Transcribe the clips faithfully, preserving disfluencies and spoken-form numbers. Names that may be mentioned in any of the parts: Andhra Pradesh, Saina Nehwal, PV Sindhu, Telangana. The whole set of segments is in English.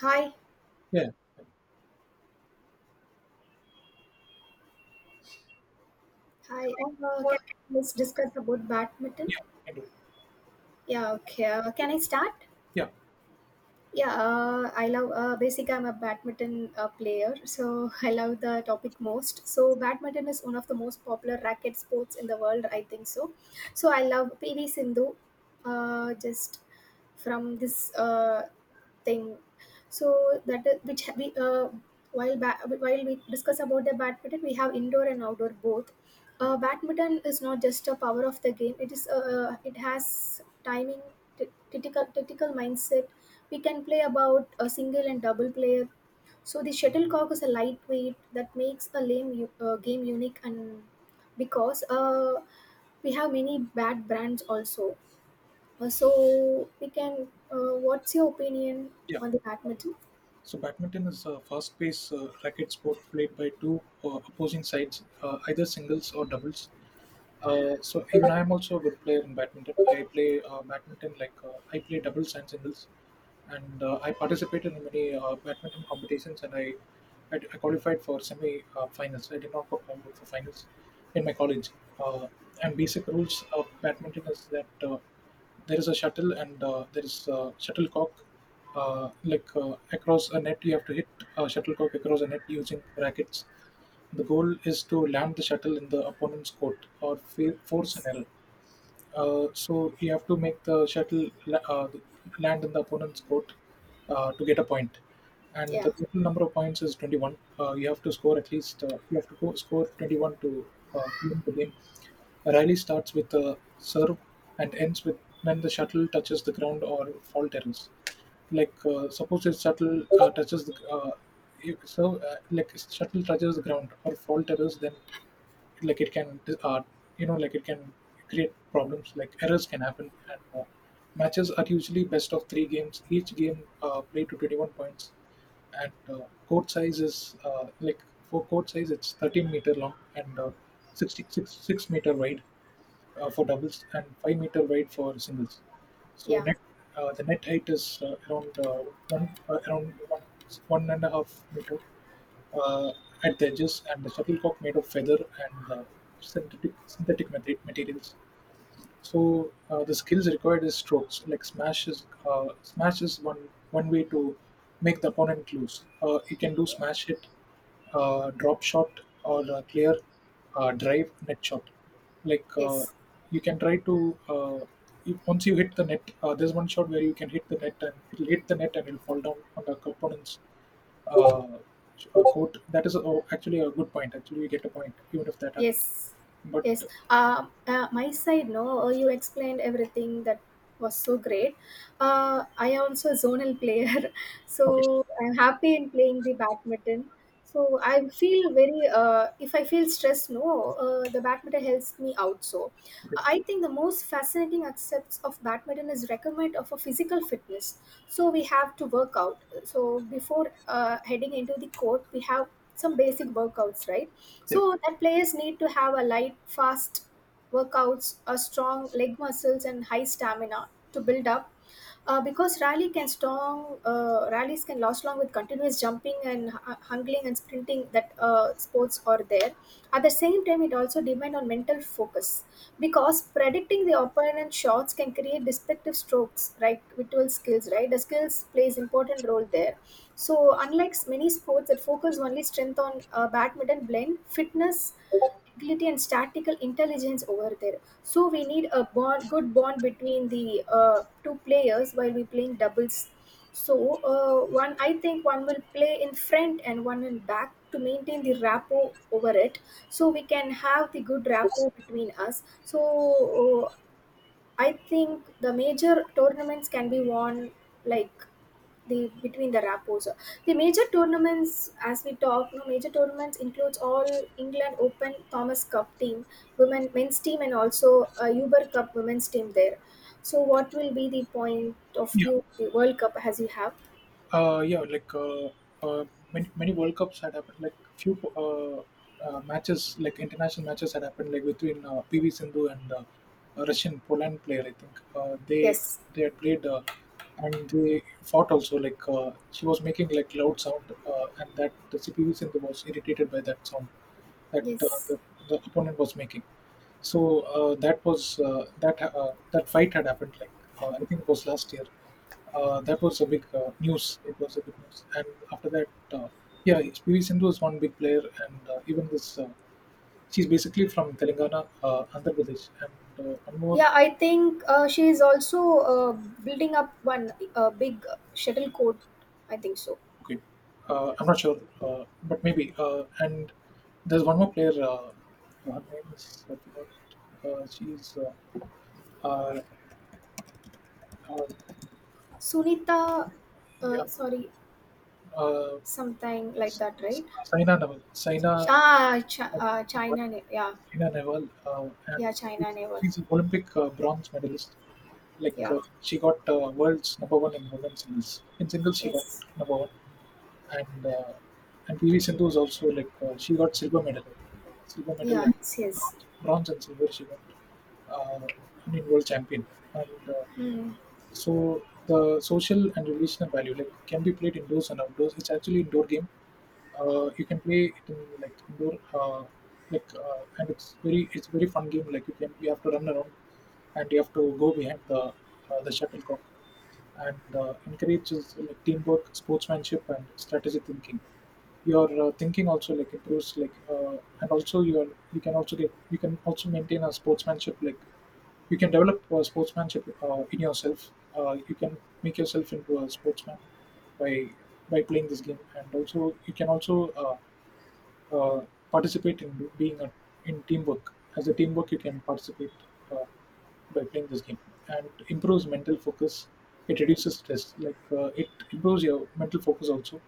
Hi, Yeah, hi. Yeah. Uh, can we discuss about badminton? yeah, you can do it. Yeah, okay. Uh, can I start? Yeah, Yeah, uh, I love. Uh, basically, I'm a badminton uh, player, so I love the topic most. So, badminton is one of the most popular racket sports in the world. I think so. So, I love P V Sindhu, uh, just from this uh, thing. So that uh, which we uh, while ba- while we discuss about the badminton, we have indoor and outdoor both. Uh, badminton is not just a power of the game; it is uh, it has timing, t- tactical tactical mindset we can play about a single and double player. So the shuttlecock is a lightweight that makes a lame u- uh, game unique, and because uh, we have many bad brands also. Uh, so we can. Uh, what's your opinion yeah. on the badminton? So badminton is a fast-paced uh, racket sport played by two uh, opposing sides, uh, either singles or doubles. Uh, so even I am also a good player in badminton. I play uh, badminton like uh, I play doubles and singles. and uh, I participated in many uh, badminton competitions, and I, I, I qualified for semi uh, finals. I did not qualify for finals in my college. Uh, and basic rules of badminton is that uh, there is a shuttle and uh, there is a shuttlecock. Uh, like uh, across a net, you have to hit a shuttlecock across a net using rackets. The goal is to land the shuttle in the opponent's court or fe- force an Yes. error. Uh, so you have to make the shuttle la- uh, land in the opponent's court uh, to get a point. And Yeah. the total number of points is twenty-one. Uh, you have to score at least, uh, you have to go score twenty-one to uh, win the game. A rally starts with a serve and ends with when the shuttle touches the ground or fall terrace. Like, uh, suppose if shuttle uh, touches the, uh, if, so, uh, like shuttle touches the ground or fall terrace, then like it can uh, you know like it can create problems like errors can happen and uh, matches are usually best of three games, each game uh, played to twenty-one points and uh, court size is uh, like for court size it's thirteen meter long and uh, 66 6 meter wide uh, for doubles and five meter wide for singles. So Yeah. net uh, the net height is uh, around uh, one uh, around one, one and a half meter uh, at the edges, and the shuttlecock made of feather and uh, synthetic synthetic mate- materials. So uh, the skills required is strokes. Like smash is uh, smash is one one way to make the opponent lose. Uh, you can do Yeah. smash hit, uh, drop shot, or uh, clear, uh, drive, net shot. Like uh, Yes. you can try to uh, if, once you hit the net, uh, there's one shot where you can hit the net and it'll hit the net and it'll fall down on the opponent's uh, uh, court. That is uh, actually a good point. Actually, you get a point even if that happens. Yes, But yes. Uh, uh, my side, no, uh, you explained everything that was so great. Uh, I am also a zonal player, okay, so I'm happy in playing the badminton. So I feel very, uh, if I feel stressed, no, uh, the badminton helps me out. So okay, I think the most fascinating aspects of badminton is requirement of a physical fitness. So we have to work out. So before uh, heading into the court, we have some basic workouts, right? yeah. So that players need to have a light, fast workouts, a strong leg muscles, and high stamina to build up uh, because rally can strong uh, rallies can last long with continuous jumping and hu- hungling and sprinting that uh, sports are there. At the same time, it also depend on mental focus because predicting the opponent shots can create destructive strokes, right, virtual skills, right, the skills plays important role there. So unlike many sports that focus only strength on, uh, badminton blend fitness, agility and statical intelligence over there. So we need a bond, good bond between the uh, two players while we playing doubles. So uh, one, I think one will play in front and one in back to maintain the rapport over it. So we can have the good rapport between us. So uh, I think the major tournaments can be won like the between the rappos. The major tournaments, as we talk, no, major tournaments includes all England Open Thomas Cup team, women men's team, and also uh, Uber Cup women's team there. So, what will be the point of view the World Cup as you have? Uh, yeah, like uh, uh, many many World Cups had happened. Like few uh, uh, matches, like international matches had happened, like between uh, P V Sindhu and uh, a Russian Poland player. I think uh, they Yes, they had played uh, and they fought also. Like uh, she was making like loud sound, uh, and that the P V Sindhu was irritated by that sound that uh, yes. the, the opponent was making. So uh, that was uh, that uh, that fight had happened like uh, I think it was last year. Uh, that was a big uh, news. It was a big news, and after that, uh, yeah, P V Sindhu is one big player, and uh, even this uh, she's basically from Telangana, uh, Andhra Pradesh, and uh, one more. Yeah, I think uh, she is also uh, building up one uh, big shuttle court. I think so. Okay, uh, I'm not sure, uh, but maybe. Uh, and there's one more player. Uh, her name is I forgot. Uh, she's uh, uh, uh, Sunita, yeah. uh, sorry. Uh, Something like that, right? Saina Nehwal. Ch- Saina Ah, Ch- uh, China, na- yeah, Saina Nehwal, uh, and yeah, she's China naval, she's an Olympic uh, bronze medalist. Like yeah, uh, she got uh, world's number one in women's singles. In singles, she got yes, number one, and uh, and P V Sindhu is also like uh, she got silver medal. I think uh, silver medal yeah, and yes, yes. bronze, bronze and silver she got. Uh, I mean, world champion and. Uh, Hmm. so the social and relational value like can be played indoors and outdoors. It's actually indoor game. Uh, you can play it in like indoor, uh, like uh, and it's very it's very fun game. Like you can you have to run around and you have to go behind the uh, the shuttlecock and uh, encourages like teamwork, sportsmanship, and strategic thinking. Your uh, thinking also like improves like uh, and also your you can also get you can also maintain a sportsmanship like you can develop uh, sportsmanship uh, in yourself. Uh, you can make yourself into a sportsman by by playing this game, and also you can also uh, uh, participate in do- being a, in teamwork. As a teamwork, you can participate uh, by playing this game, and improves mental focus. It reduces stress. Like uh, it improves your mental focus also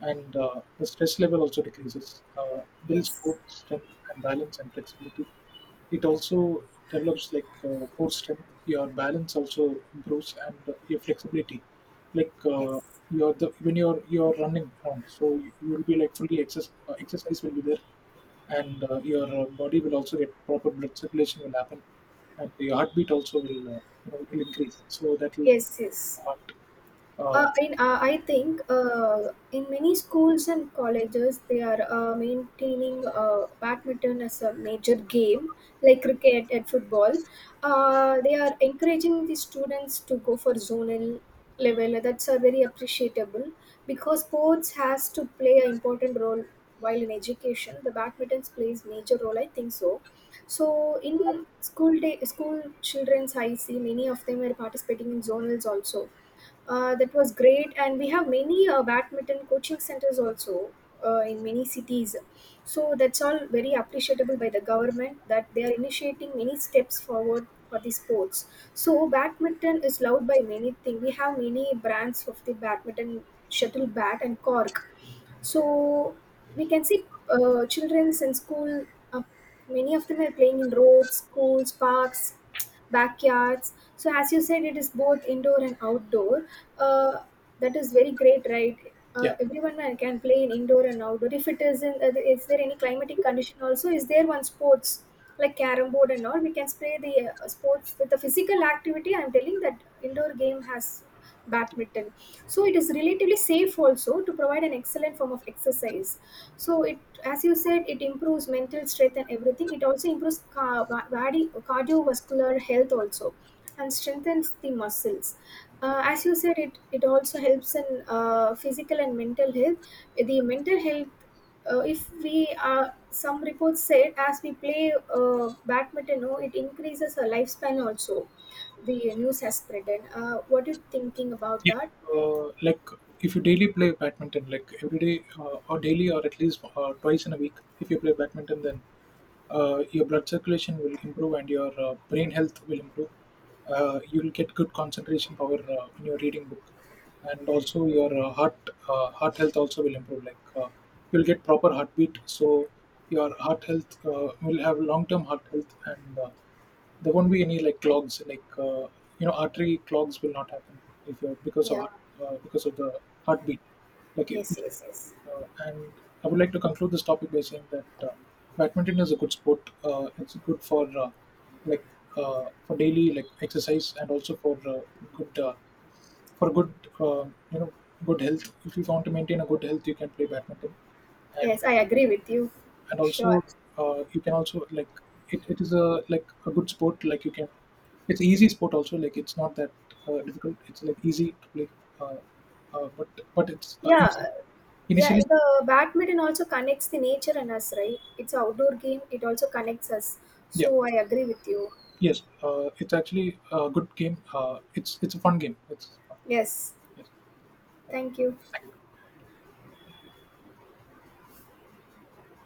and uh, the stress level also decreases. Uh, builds Yes, good strength and balance and flexibility. It also develops like uh, core strength. Your balance also improves and uh, your flexibility. Like uh, yes, you're the when you're you're running around, so you, you will be like fully exercise. Uh, exercise will be there, and uh, your uh, body will also get proper blood circulation will happen, and your heartbeat also will uh, you know, will increase. So that will yes, yes. heart. Uh, Uh, in, uh, I think uh, in many schools and colleges, they are uh, maintaining uh, badminton as a major game, like cricket and football. Uh, they are encouraging the students to go for zonal level. That's are very appreciable because sports has to play an important role while in education. The badminton plays major role, I think so. So in school day, school children's, I see many of them are participating in zonals also. Uh, that was great, and we have many uh, badminton coaching centers also uh, in many cities. So that's all very appreciable by the government that they are initiating many steps forward for the sports. So badminton is loved by many things. We have many brands of the badminton shuttle bat and cork. So we can see uh, childrens in school. Uh, many of them are playing in roads, schools, parks, backyards. So as you said, it is both indoor and outdoor. Uh, that is very great, right? Uh, yeah. everyone can can play in indoor and outdoor. If it is in, uh, is there any climatic condition also? Is there one sports like carom board and all? We can play the uh, sports with the physical activity. I'm telling that indoor game has badminton, so it is relatively safe also to provide an excellent form of exercise. So it, as you said, it improves mental strength and everything. It also improves ca- body cardiovascular health also, and strengthens the muscles. Uh, as you said, it it also helps in uh, physical and mental health, the mental health. Uh, if we, uh, some reports said as we play uh, badminton, oh, it increases our lifespan also. The news has spreaden. Uh, what are you thinking about If, that? Uh, like if you daily play badminton, like every day uh, or daily or at least uh, twice in a week, if you play badminton, then uh, your blood circulation will improve and your uh, brain health will improve. Uh, you will get good concentration power uh, when you're reading book, and also your uh, heart uh, heart health also will improve. Like uh, you'll get proper heartbeat, so your heart health uh, will have long term heart health and uh, there won't be any like clogs like uh, you know artery clogs will not happen if you're because of Yeah, heart- uh, because of the heartbeat like it, yes, it- yes, yes, uh, and I would like to conclude this topic by saying that uh, badminton is a good sport, uh, it's good for uh, like uh, for daily like exercise and also for uh, good uh, for good uh, you know good health. If you want to maintain a good health you can play badminton and yes, I agree with you. And sure. also uh, you can also like it, it is a like a good sport like you can, it's easy sport also, like it's not that uh, difficult, it's like easy to play. uh, uh, but but it's, uh, Yeah, it's yeah, initially. the badminton also connects the nature and us, right? It's an outdoor game. It also connects us, Yeah. so I agree with you. Yes, uh, it's actually a good game, uh, it's it's a fun game, it's fun. Yes, Yes. thank you.